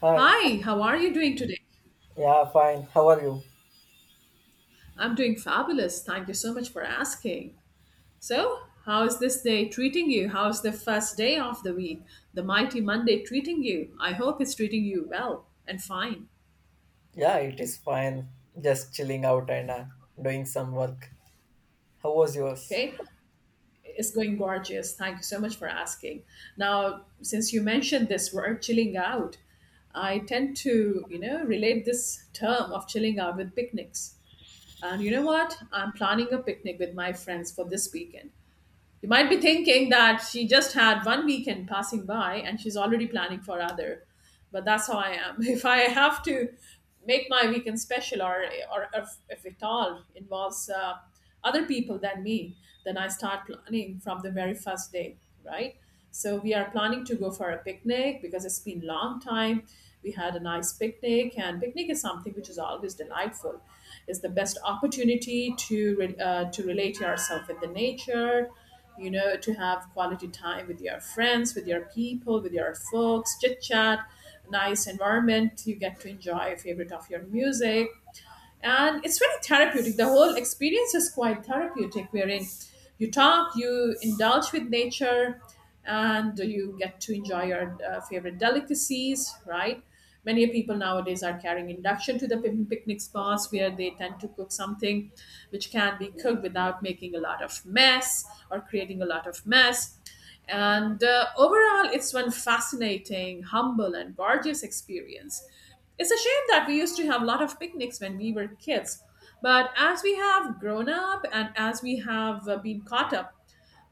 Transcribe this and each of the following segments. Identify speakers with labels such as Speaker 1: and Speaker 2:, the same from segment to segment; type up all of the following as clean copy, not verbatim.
Speaker 1: Hi.
Speaker 2: Hi, how are you doing today?
Speaker 1: Yeah, fine. How are you?
Speaker 2: I'm doing fabulous. Thank you so much for asking. So, how is this day treating you? How's the first day of the week? The mighty Monday treating you? I hope it's treating you well and fine.
Speaker 1: Yeah, it is fine. Just chilling out and doing some work. How was yours?
Speaker 2: Okay, it's going gorgeous. Thank you so much for asking. Now, since you mentioned this word chilling out, I tend to, you know, relate this term of chilling out with picnics. And you know what? I'm planning a picnic with my friends for this weekend. You might be thinking that she just had one weekend passing by and she's already planning for other. But that's how I am. If I have to make my weekend special or if it all involves other people than me, then I start planning from the very first day, right? So we are planning to go for a picnic because it's been long time. We had a nice picnic, and picnic is something which is always delightful. It's the best opportunity to to relate yourself with the nature, you know, to have quality time with your friends, with your people, with your folks, chit chat, nice environment. You get to enjoy a favorite of your music, and it's very therapeutic. The whole experience is quite therapeutic, wherein you talk, you indulge with nature, and you get to enjoy your favorite delicacies, right? Many people nowadays are carrying induction to the picnic spots, where they tend to cook something which can be cooked without making a lot of mess or creating a lot of mess, and overall, it's one fascinating, humble, and gorgeous experience. It's a shame that we used to have a lot of picnics when we were kids. But as we have grown up and as we have been caught up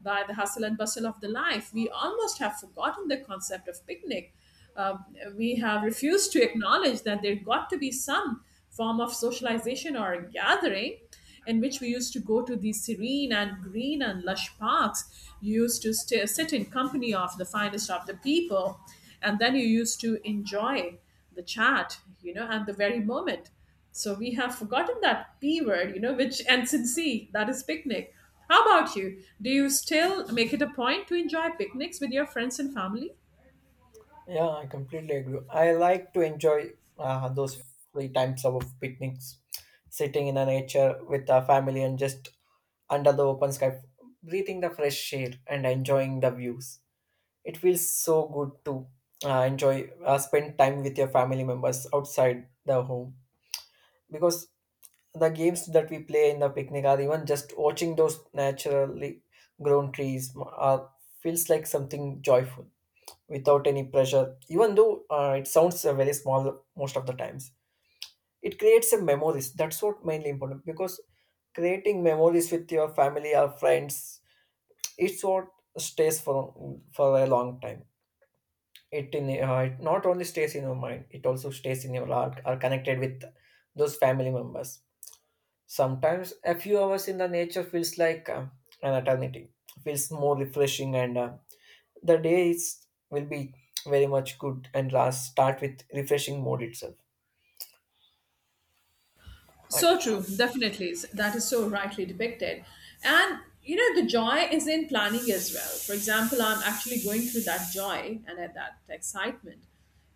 Speaker 2: by the hustle and bustle of the life, we almost have forgotten the concept of picnic. uh, we have refused to acknowledge that there got to be some form of socialization or gathering in which we used to go to these serene and green and lush parks. You used to stay, sit in company of the finest of the people, and then you used to enjoy the chat, you know, and the very moment. So we have forgotten that P word, you know, which ends in C, that is picnic. How about you? Do you still make it a point to enjoy picnics with your friends and family?
Speaker 1: Yeah, I completely agree. I like to enjoy those free times of picnics, sitting in the nature with our family and just under the open sky, breathing the fresh air and enjoying the views. It feels so good to spend time with your family members outside the home, because the games that we play in the picnic or even just watching those naturally grown trees feels like something joyful without any pressure, even though it sounds very small. Most of the times it creates a memories. That's what mainly important, because creating memories with your family or friends, it's what stays for a long time. It in uh, it not only stays in your mind, it also stays in your heart are connected with those family members. Sometimes a few hours in the nature feels like an eternity, feels more refreshing, and the will be very much good and last start with refreshing mode itself. Right.
Speaker 2: So true, definitely. That is so rightly depicted. And you know, the joy is in planning as well. For example, I'm actually going through that joy and at that excitement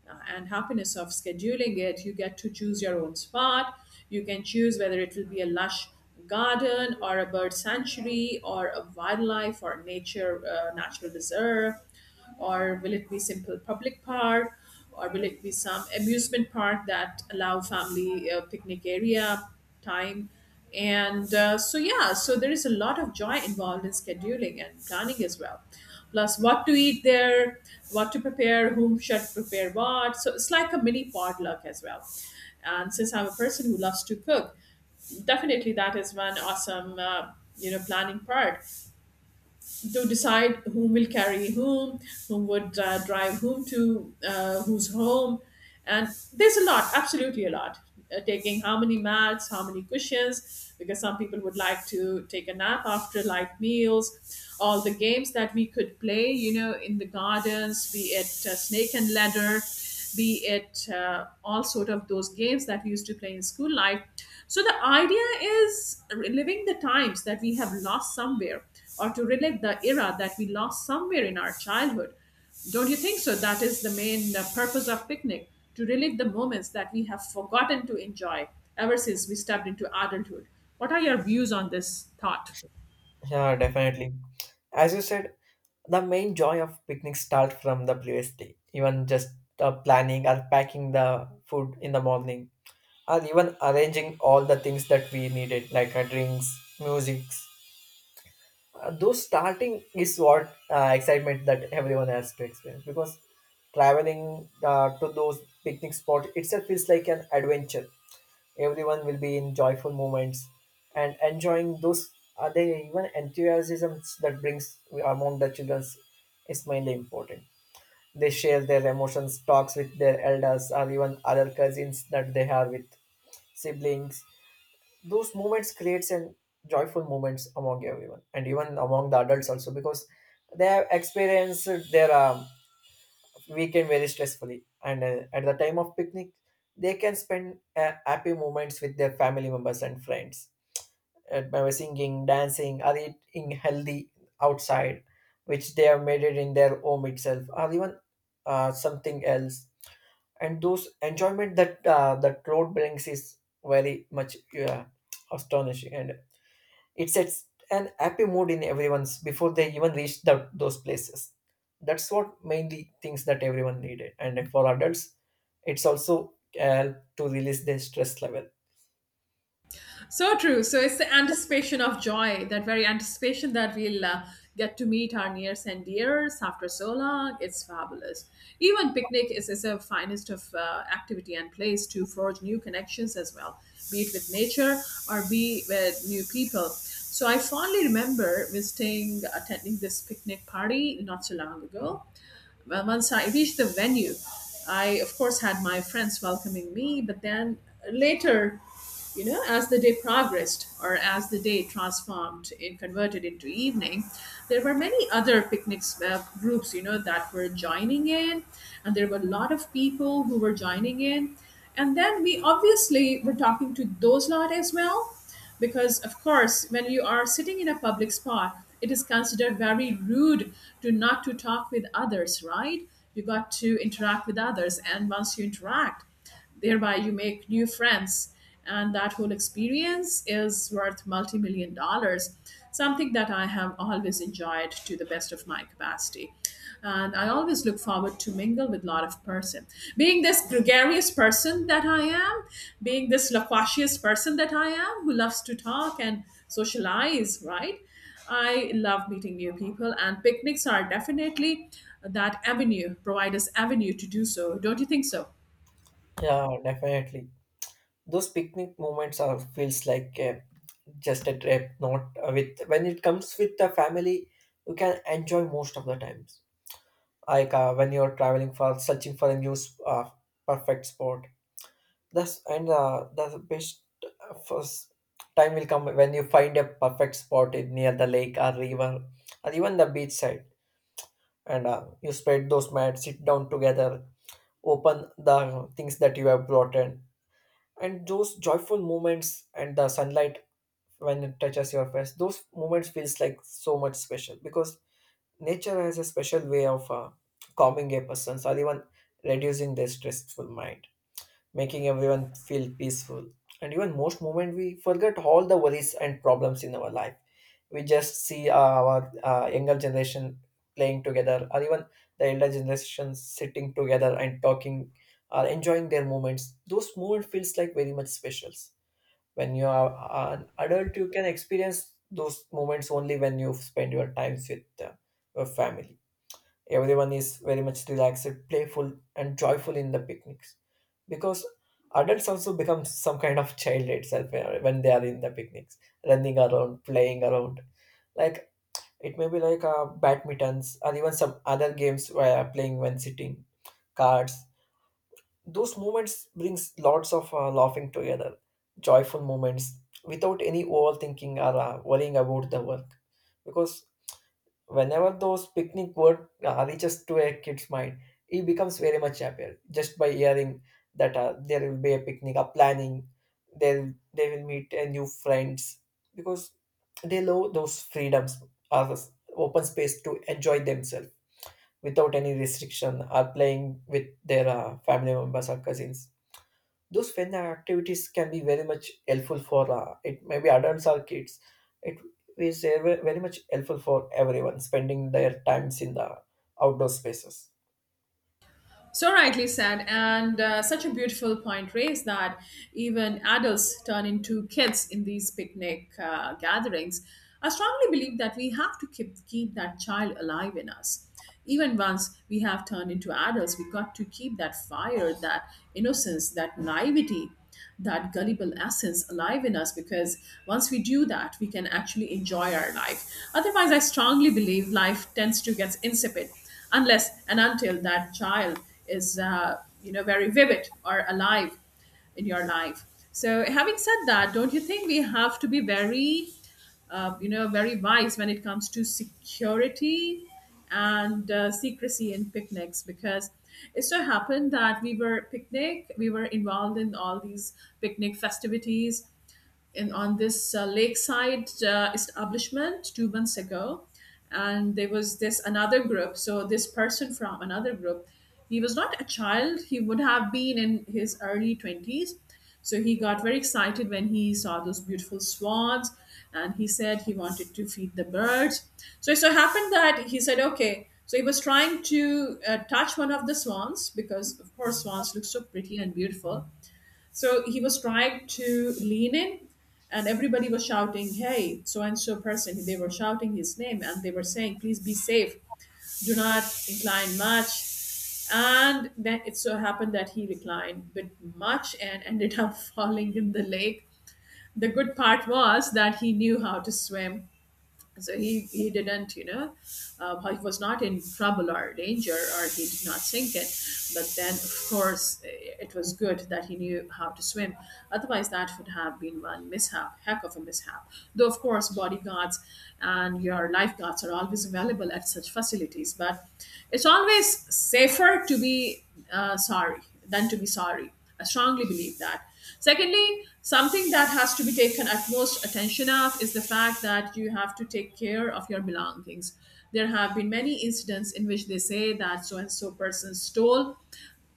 Speaker 2: and happiness of scheduling it. You get to choose your own spot. You can choose whether it will be a lush garden, or a bird sanctuary, or a wildlife or nature natural reserve, or will it be simple public park, or will it be some amusement park that allow family picnic area time. And so yeah, so there is a lot of joy involved in scheduling and planning as well, plus what to eat there, what to prepare, whom should prepare what. So it's like a mini potluck as well, and since I'm a person who loves to cook, definitely that is one awesome you know, planning part, to decide whom will carry whom, whom would drive whom to, who's home. And there's a lot, absolutely a lot. Taking how many mats, how many cushions, because some people would like to take a nap after light meals. All the games that we could play, you know, in the gardens, be it snake and ladder, be it all sort of those games that we used to play in school life. So the idea is reliving the times that we have lost somewhere, or to relive the era that we lost somewhere in our childhood. Don't you think so? That is the main purpose of picnic, to relive the moments that we have forgotten to enjoy ever since we stepped into adulthood. What are your views on this thought?
Speaker 1: Yeah, definitely. As you said, the main joy of picnic starts from the previous day, even just planning or packing the food in the morning, or even arranging all the things that we needed, like drinks, musics. Though starting is what excitement that everyone has to experience, because traveling to those picnic spots itself is like an adventure. Everyone will be in joyful moments and enjoying those are they even enthusiasms that brings among the children is mainly important. They share their emotions talks with their elders or even other cousins that they have with siblings. Those moments creates an joyful moments among everyone and even among the adults also, because they have experienced their weekend very stressfully, and at the time of picnic they can spend happy moments with their family members and friends by singing, dancing, or eating healthy outside, which they have made it in their home itself or even something else. And those enjoyment that road brings is very much uh, astonishing, and it sets an happy mood in everyone's before they even reach those places. That's what mainly things that everyone needed. And for adults, it's also help to release their stress level.
Speaker 2: So true. So it's the anticipation of joy, that very anticipation that we'll get to meet our nears and dears after so long. It's fabulous. Even picnic is a finest of activity and place to forge new connections as well, be it with nature or be with new people. So I fondly remember visiting, attending this picnic party not so long ago. Well, once I reached the venue, I of course had my friends welcoming me, but then later, you know, as the day progressed, or as the day transformed and converted into evening, there were many other picnics groups, you know, that were joining in, and there were a lot of people who were joining in, and then we obviously were talking to those lot as well. Because of course, when you are sitting in a public spot, it is considered very rude to not to talk with others, right? You got to interact with others, and once you interact, thereby, you make new friends, and that whole experience is worth multi million dollars, something that I have always enjoyed to the best of my capacity. And I always look forward to mingle with a lot of person. Being this gregarious person that I am, being this loquacious person that I am, who loves to talk and socialize, right? I love meeting new people, and picnics are definitely that avenue, provide us avenue to do so. Don't you think so?
Speaker 1: Yeah, definitely. Those picnic moments are feels like just a trip, not with. When it comes with the family, you can enjoy most of the times. Like when you're traveling for searching for a new perfect spot. That's the best first time will come when you find a perfect spot in near the lake or river or even the beach side, and you spread those mats, sit down together, open the things that you have brought in, and those joyful moments and the sunlight when it touches your face, those moments feels like so much special, because nature has a special way of calming a person's or even reducing their stressful mind, making everyone feel peaceful. And even most moment we forget all the worries and problems in our life. We just see our younger generation playing together, or even the elder generation sitting together and talking, or enjoying their moments. Those moments feels like very much specials. When you are an adult, you can experience those moments only when you spend your times with your family. Everyone is very much relaxed, playful, and joyful in the picnics, because adults also become some kind of child itself when they are in the picnics, running around, playing around, like it may be like badmintons or even some other games where playing when sitting cards. Those moments brings lots of laughing together, joyful moments without any overthinking or worrying about the work, because whenever those picnic word reaches to a kid's mind he becomes very much happier just by hearing that there will be a picnic a planning. They'll they will meet a new friends, because they love those freedoms or this open space to enjoy themselves without any restriction, or playing with their family members or cousins. Those fun activities can be very much helpful for it maybe adults or kids. It is very much helpful for everyone spending their times in the outdoor spaces.
Speaker 2: So rightly said, and such a beautiful point raised, that even adults turn into kids in these picnic gatherings. I strongly believe that we have to keep that child alive in us. Even once we have turned into adults, we got to keep that fire, that innocence, that naivety, that gullible essence alive in us, because once we do that, we can actually enjoy our life. Otherwise, I strongly believe life tends to get insipid unless and until that child is you know, very vivid or alive in your life. So having said that, don't you think we have to be very you know, very wise when it comes to security and secrecy in picnics? Because it so happened that we were involved in all these picnic festivities in on this lakeside establishment 2 months ago, and there was this another group. So this person from another group, he was not a child, he would have been in his early 20s. So he got very excited when he saw those beautiful swans, and he said he wanted to feed the birds. So it so happened that he said okay, so he was trying to touch one of the swans, because of course swans look so pretty and beautiful. So he was trying to lean in, and everybody was shouting, "Hey, so and so person." They were shouting his name and they were saying, "Please be safe, do not incline much." And then it so happened that he reclined but much and ended up falling in the lake. The good part was that he knew how to swim, so he didn't, you know, he was not in trouble or danger, or he did not sink it. But then, of course, it was good that he knew how to swim. Otherwise, that would have been one mishap, heck of a mishap. Though, of course, bodyguards and your lifeguards are always available at such facilities. But it's always safer to be sorry than to be sorry. I strongly believe that. Secondly, something that has to be taken utmost attention of is the fact that you have to take care of your belongings. There have been many incidents in which they say that so and so person stole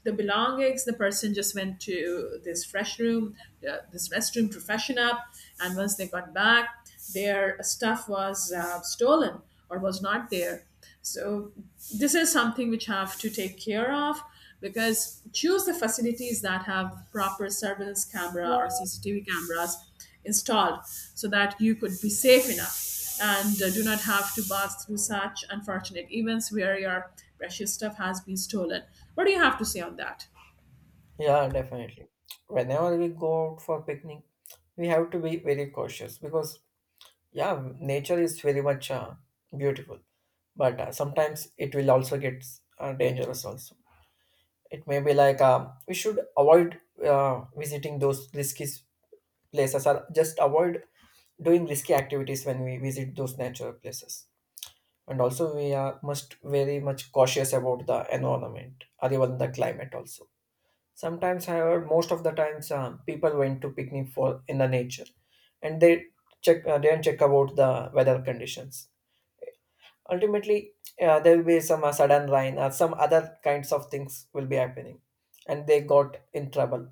Speaker 2: the belongings. The person just went to this fresh room, this restroom to freshen up, and once they got back, their stuff was stolen or was not there. So this is something which have to take care of, because choose the facilities that have proper surveillance camera or CCTV cameras installed, so that you could be safe enough and do not have to pass through such unfortunate events where your precious stuff has been stolen. What do you have to say on that?
Speaker 1: Yeah, definitely. Whenever we go out for picnic we have to be very cautious, because yeah, nature is very much beautiful, but sometimes it will also get dangerous also. It may be like we should avoid visiting those risky places or just avoid doing risky activities when we visit those natural places. And also we are must very much cautious about the environment or even the climate also. Sometimes, however, most of the times people went to picnic for in the nature and they check didn't check about the weather conditions. Ultimately, yeah, there will be some sudden rain or some other kinds of things will be happening and they got in trouble.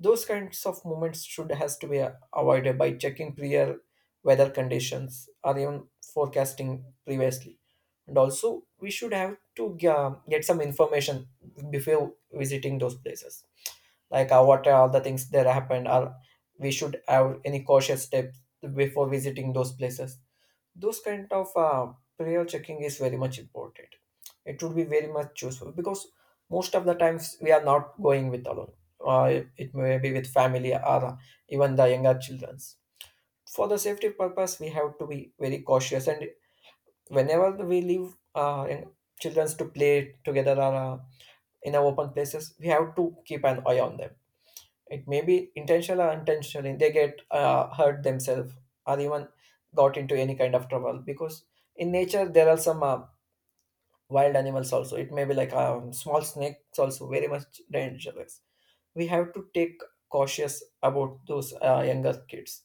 Speaker 1: Those kinds of moments should has to be avoided by checking prior weather conditions or even forecasting previously. And also we should have to get some information before visiting those places, like what are all the things that happened, or we should have any cautious steps before visiting those places. Those kind of player checking is very much important. It would be very much useful, because most of the times we are not going with alone. It may be with family or even the younger childrens. For the safety purpose we have to be very cautious, and whenever we leave children to play together or in our open places we have to keep an eye on them. It may be intentional or unintentionally they get hurt themselves or even got into any kind of trouble, because in nature there are some wild animals also. It may be like small snakes also very much dangerous. We have to take cautious about those younger kids.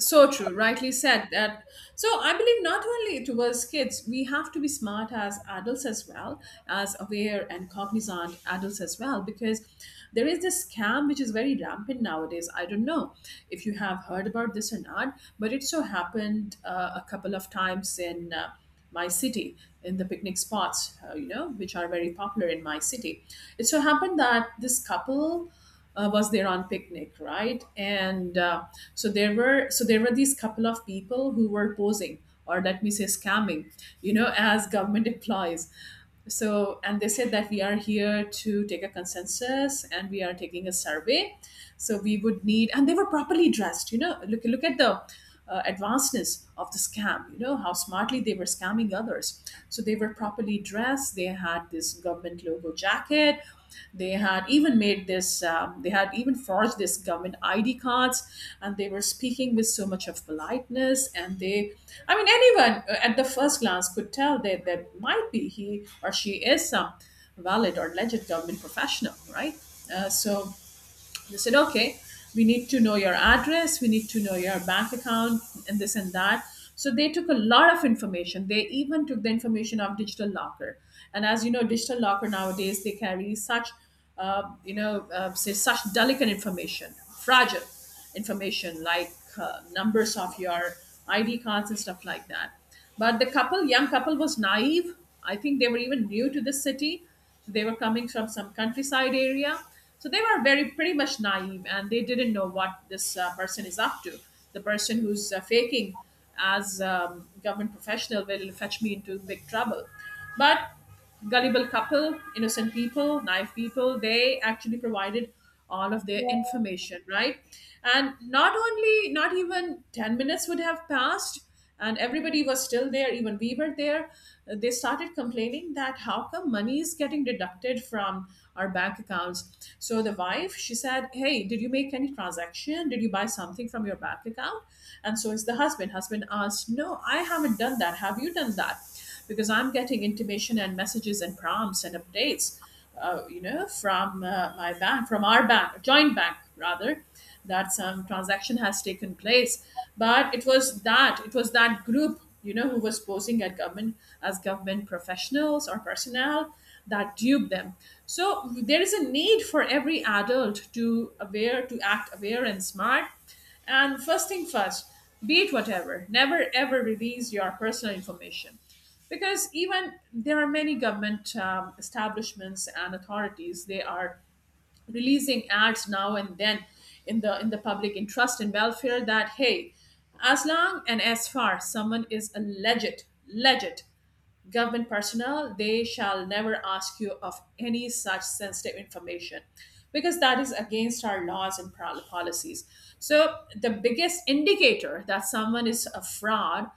Speaker 2: So true, rightly said that. So I believe not only towards kids, we have to be smart as adults as well, as aware and cognizant adults as well, because there is this scam which is very rampant nowadays. I don't know if you have heard about this or not, but it so happened a couple of times in my city, in the picnic spots, you know, which are very popular in my city. It so happened that this couple was there on picnic, right? And so there were these couple of people who were posing, or let me say scamming, you know, as government employees. So and they said that we are here to take a consensus and we are taking a survey. So we would need, and they were properly dressed. You know, look at the advancedness of the scam. You know how smartly they were scamming others. So they were properly dressed, they had this government logo jacket, they had even made this they had even forged this government ID cards, and they were speaking with so much of politeness. And they, I mean, anyone at the first glance could tell that that might be, he or she is some valid or legit government professional, right? So they said, okay, we need to know your address, we need to know your bank account, and this and that. So they took a lot of information. They even took the information of Digital Locker. And as you know, Digital Locker nowadays, they carry such, say, such delicate information, fragile information like numbers of your ID cards and stuff like that. But the couple, young couple, was naive. I think they were even new to the city, so they were coming from some countryside area. So they were very pretty much naive and they didn't know what this person is up to. The person who's faking as government professional will fetch me into big trouble. But gullible couple, innocent people, naive people, they actually provided all of their information, right? And not even 10 minutes would have passed, and everybody was still there, even we were there. They started complaining that how come money is getting deducted from our bank accounts. So the wife, she said, hey, did you make any transaction, did you buy something from your bank account? And so is the husband, asked, no, I haven't done that, have you done that? Because I'm getting intimation and messages and prompts and updates, from my bank, from our bank, joint bank rather, that some transaction has taken place. But it was that group, you know, who was posing at government, as government professionals or personnel, that duped them. So there is a need for every adult to aware, to act aware and smart. And first thing first, be it whatever, never ever release your personal information. Because even there are many government establishments and authorities, they are releasing ads now and then in the public interest and welfare that, hey, as long and as far someone is a legit government personnel, they shall never ask you of any such sensitive information, because that is against our laws and policies. So the biggest indicator that someone is a fraudster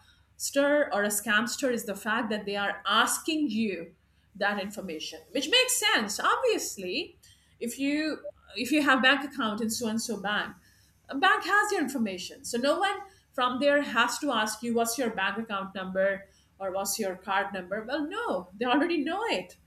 Speaker 2: or a scamster is the fact that they are asking you that information, which makes sense, obviously. If you if you have bank account in so and so bank, a bank has your information, so no one from there has to ask you what's your bank account number or what's your card number. Well, no, they already know it,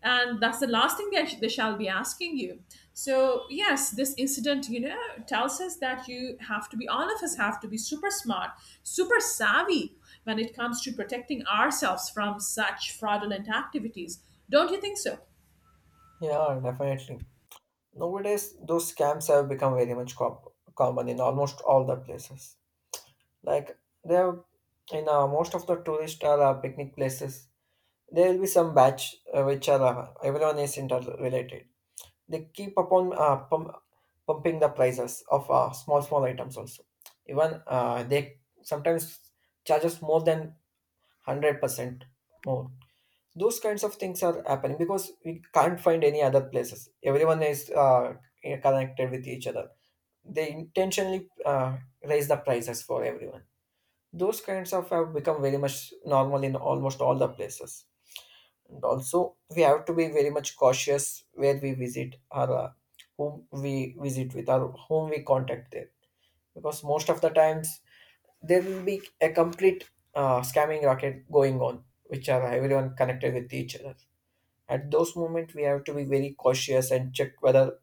Speaker 2: and that's the last thing they shall be asking you. So yes, this incident, you know, tells us that you have to be, all of us have to be super smart, super savvy when it comes to protecting ourselves from such fraudulent activities. Don't you think so?
Speaker 1: Yeah, definitely. Nowadays, those scams have become very much common in almost all the places. Like they have in most of the tourist or picnic places, there will be some batch which are everyone is interrelated. They keep upon pumping the prices of small small items also. Even they sometimes charges more than 100% more. Those kinds of things are happening because we can't find any other places. Everyone is connected with each other. They intentionally raise the prices for everyone. Those kinds of have become very much normal in almost all the places, and also we have to be very much cautious where we visit, or whom we visit with, or whom we contact there, because most of the times there will be a complete scamming racket going on which are everyone connected with each other. At those moments we have to be very cautious and check whether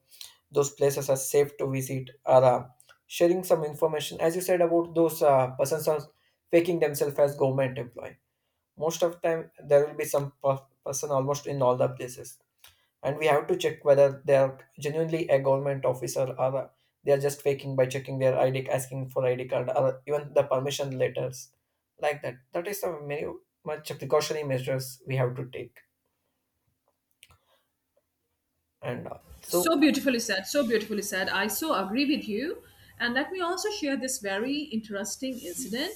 Speaker 1: those places are safe to visit, or sharing some information, as you said, about those persons are faking themselves as government employee. Most of the time there will be some person almost in all the places, and we have to check whether they are genuinely a government officer, or they are just faking, by checking their ID, asking for ID card or even the permission letters, like that. That is the many much precautionary measures we have to take, and
Speaker 2: So
Speaker 1: so.
Speaker 2: beautifully said. So beautifully said. I so agree with you. And let me also share this very interesting incident.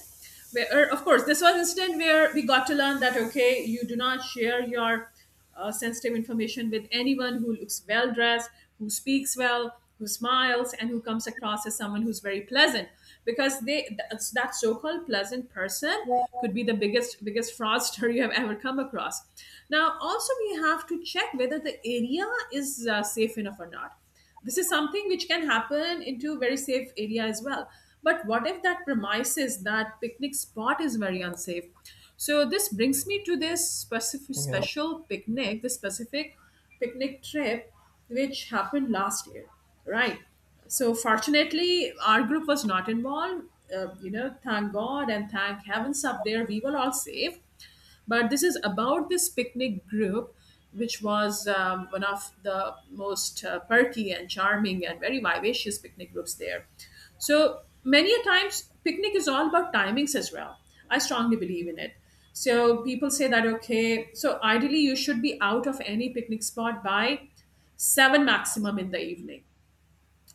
Speaker 2: Where, of course, this was incident where we got to learn that, okay, you do not share your sensitive information with anyone who looks well dressed, who speaks well, who smiles, and who comes across as someone who's very pleasant, because they that's that so-called pleasant person could be the biggest fraudster you have ever come across. Now also we have to check whether the area is safe enough or not. This is something which can happen into very safe area as well. But what if that premises, that picnic spot, is very unsafe? So this brings me to this specific
Speaker 1: yeah
Speaker 2: special picnic, this specific picnic trip, which happened last year, right? So fortunately our group was not involved. Thank god and thank heavens up there, we were all safe. But this is about this picnic group, which was one of the most perky and charming and very vivacious picnic groups there. So many a times picnic is all about timings as well. I strongly believe in it. So people say that, okay, so ideally you should be out of any picnic spot by 7 maximum in the evening.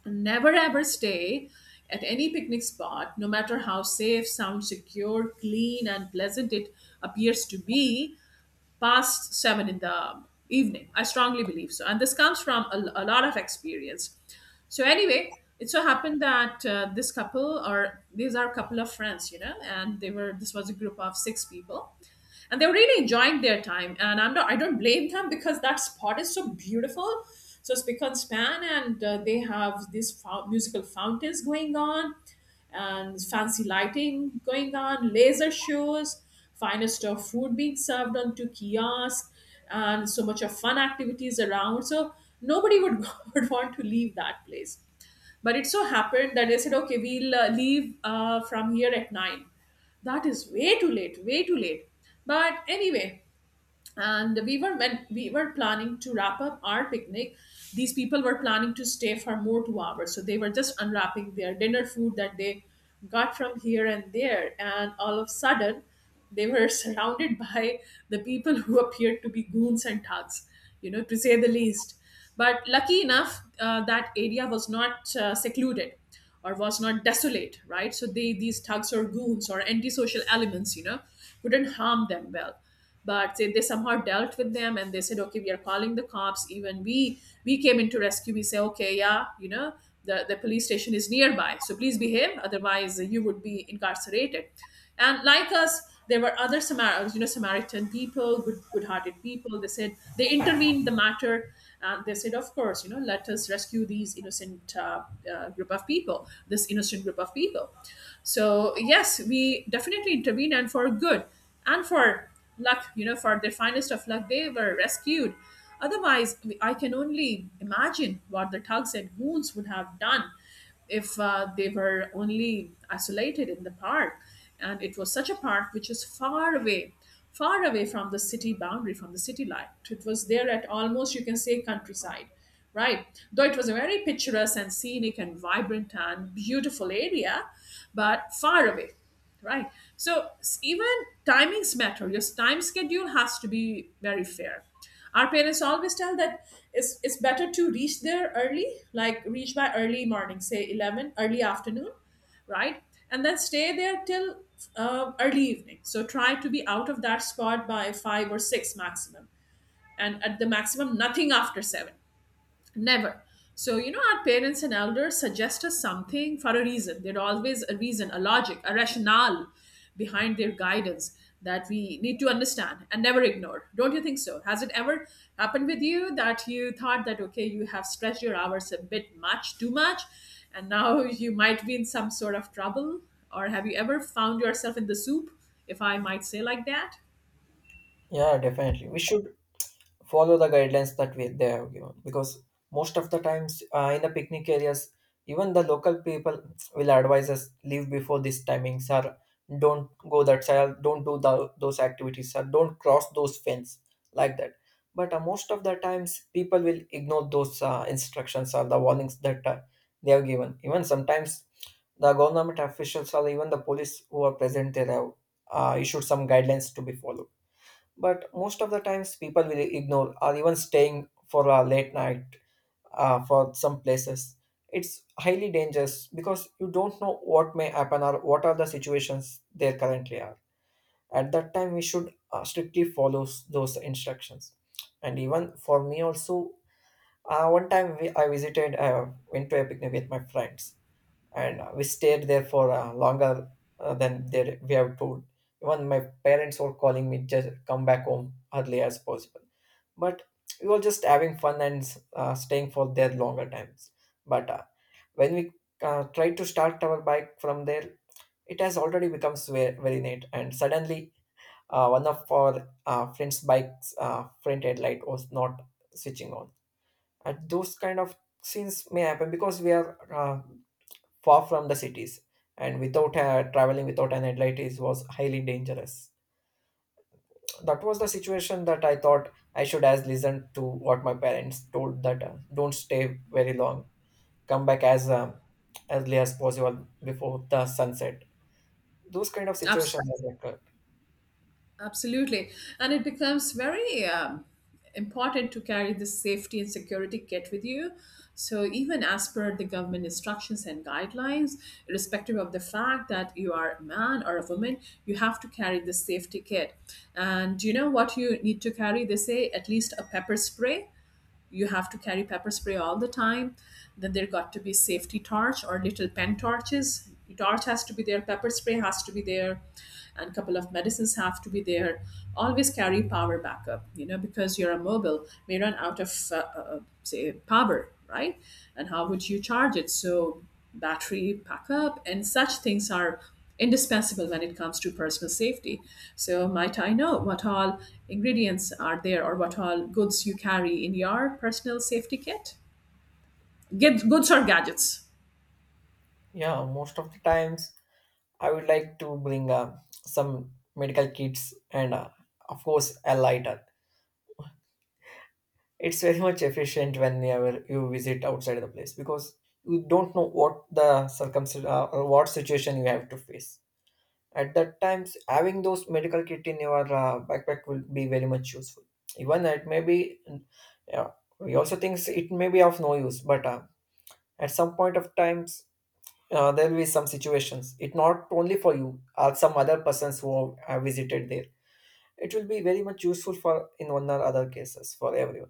Speaker 2: Never ever stay at any picnic spot, no matter how safe, sound secure, clean, and pleasant it appears to be, past seven in the evening. I strongly believe so. And this comes from a lot of experience. So, anyway, it so happened that this couple, or these are a couple of friends, you know, and they were, this was a group of six people. And they were really enjoying their time. And I don't blame them because that spot is so beautiful. So, it's spick and span, and they have these musical fountains going on and fancy lighting going on, laser shows, finest of food being served onto kiosks, and so much of fun activities around. So nobody would, would want to leave that place. But it so happened that they said, okay, we'll leave from here at 9. That is way too late, way too late. But anyway, and we were, when we were planning to wrap up our picnic, these people were planning to stay for more 2 hours. So they were just unwrapping their dinner food that they got from here and there, and all of a sudden they were surrounded by the people who appeared to be goons and thugs, you know, to say the least. But lucky enough, that area was not secluded or was not desolate, right? So they, these thugs or goons or antisocial elements, you know, couldn't harm them, well. But they somehow dealt with them, and they said, okay, we are calling the cops. Even we came into rescue, we say, okay, yeah, you know, the police station is nearby, so please behave, otherwise you would be incarcerated. And like us, there were other you know, samaritan people, good-hearted people, they said, they intervened the matter, and they said, of course, you know, let us rescue these innocent group of people, this innocent group of people. So yes, we definitely intervene, and for good and for luck, you know, for their finest of luck, they were rescued. Otherwise, I mean, I can only imagine what the thugs and goons would have done if they were only isolated in the park. And it was such a park which is far away, far away from the city boundary, from the city light. It was there at almost, you can say, countryside, right? Though it was a very picturesque and scenic and vibrant and beautiful area, but far away, right? So even timings matter. Your time schedule has to be very fair. Our parents always tell that it's better to reach there early, like reach by early morning, say 11, early afternoon, right? And then stay there till early evening, so try to be out of that spot by 5 or 6 maximum, and at the maximum nothing after 7. Never. So, you know, our parents and elders suggest us something for a reason. There's always a reason, a logic, a rationale behind their guidance that we need to understand and never ignore. Don't you think so? Has it ever happened with you that you thought that, okay, you have stretched your hours a bit much, too much, and now you might be in some sort of trouble? Or have you ever found yourself in the soup, if I might say like that?
Speaker 1: yeah definitely, we should follow the guidelines that they have given, because most of the times in the picnic areas even the local people will advise us, leave before this timing, sir, don't go that side, don't do those activities, sir, don't cross those fence, like that. But most of the times people will ignore those instructions or the warnings that they have given. Even sometimes the government officials or even the police who are present there have issued some guidelines to be followed, but most of the times people will ignore, or even staying for a late night for some places it's highly dangerous, because you don't know what may happen or what are the situations there currently are. At that time we should strictly follow those instructions. And even for me also, one time we, I visited I went to a picnic with my friends, and we stayed there for longer than we have told. Even my parents were calling me, just come back home early as possible. But we were just having fun and staying for their longer times. But when we tried to start our bike from there, it has already become very, very late. And suddenly, one of our friend's bike's front headlight was not switching on. And those kind of scenes may happen because we are far from the cities, and without traveling without an headlight is was highly dangerous. That was the situation that I thought I should as listen to what my parents told, that don't stay very long, come back as early as possible, before the sunset. Those kind of
Speaker 2: Absolutely.
Speaker 1: situations occur.
Speaker 2: Absolutely. And it becomes very important to carry this safety and security kit with you. So, even as per the government instructions and guidelines, irrespective of the fact that you are a man or a woman, you have to carry this safety kit. And do you know what you need to carry? They say at least a pepper spray. You have to carry pepper spray all the time. Then there got to be safety torch or little pen torches. Torch has to be there, pepper spray has to be there, and couple of medicines have to be there. Always carry power backup, you know, because you're a mobile may run out of say, power, right? And how would you charge it? So battery backup, and such things are indispensable when it comes to personal safety. So, might I know what all ingredients are there or what all goods you carry in your personal safety kit? Goods or gadgets?
Speaker 1: Yeah, most of the times I would like to bring some medical kits and, of course, a lighter. It's very much efficient whenever you visit outside the place, because you don't know what the circumstance or what situation you have to face. At that times, having those medical kit in your backpack will be very much useful. Even it may be, yeah, we also thinks it may be of no use, but at some point of times, there will be some situations. It not only for you, or some other persons who have visited there, it will be very much useful for in one or other cases for everyone.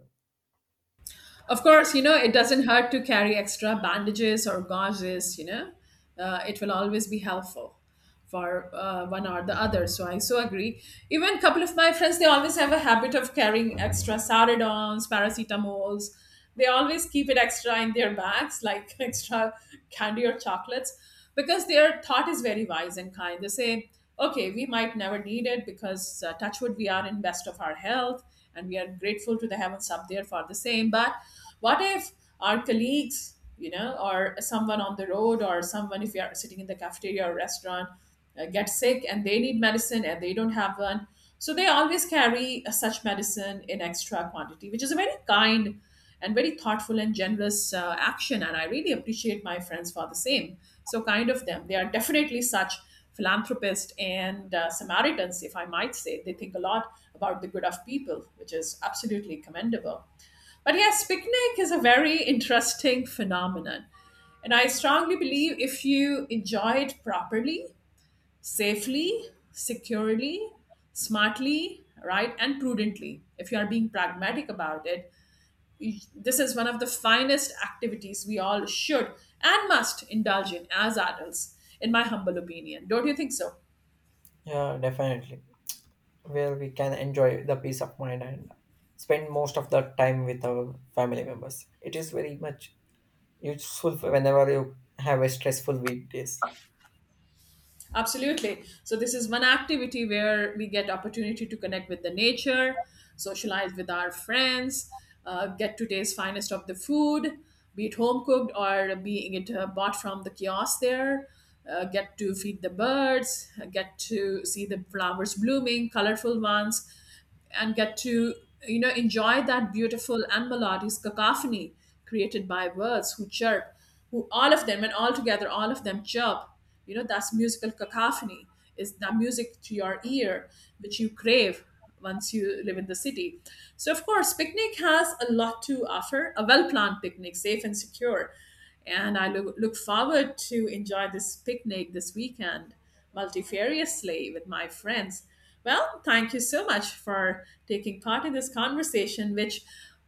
Speaker 2: Of course, you know, it doesn't hurt to carry extra bandages or gauges, you know, it will always be helpful for one or the other. So I so agree. Even a couple of my friends, they always have a habit of carrying extra saridons, paracetamols. They always keep it extra in their bags, like extra candy or chocolates, because their thought is very wise and kind. They say, okay, we might never need it because touch wood, we are in best of our health and we are grateful to the heavens up there for the same. But what if our colleagues, you know, or someone on the road, or someone, if you are sitting in the cafeteria or restaurant, get sick and they need medicine and they don't have one? So they always carry such medicine in extra quantity, which is a very kind and very thoughtful and generous action. And I really appreciate my friends for the same. So kind of them. They are definitely such philanthropists and Samaritans, if I might say. They think a lot about the good of people, which is absolutely commendable. But yes, picnic is a very interesting phenomenon. And I strongly believe if you enjoy it properly, safely, securely, smartly, right, and prudently, if you are being pragmatic about it, this is one of the finest activities we all should and must indulge in as adults, in my humble opinion. Don't you think so?
Speaker 1: Yeah, definitely, where we can enjoy the peace of mind and spend most of the time with our family members. It is very much useful whenever you have a stressful weekdays.
Speaker 2: Absolutely. So this is one activity where we get opportunity to connect with the nature, socialize with our friends, get today's finest of the food, be it home cooked or being it bought from the kiosk there. Get to feed the birds, get to see the flowers blooming, colorful ones, and get to, you know, enjoy that beautiful and melodious cacophony created by birds who chirp, who all of them, and all together all of them chirp, you know. That's musical cacophony. Is that music to your ear which you crave once you live in the city? So of course picnic has a lot to offer, a well planned picnic, safe and secure. And I look forward to enjoy this picnic this weekend multifariously with my friends. Well, thank you so much for taking part in this conversation, which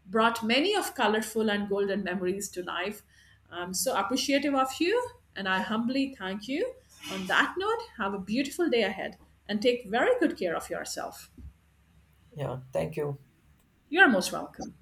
Speaker 2: brought many of colorful and golden memories to life. I'm so appreciative of you, and I humbly thank you. On that note, have a beautiful day ahead and take very good care of yourself.
Speaker 1: Yeah, thank you.
Speaker 2: You're most welcome.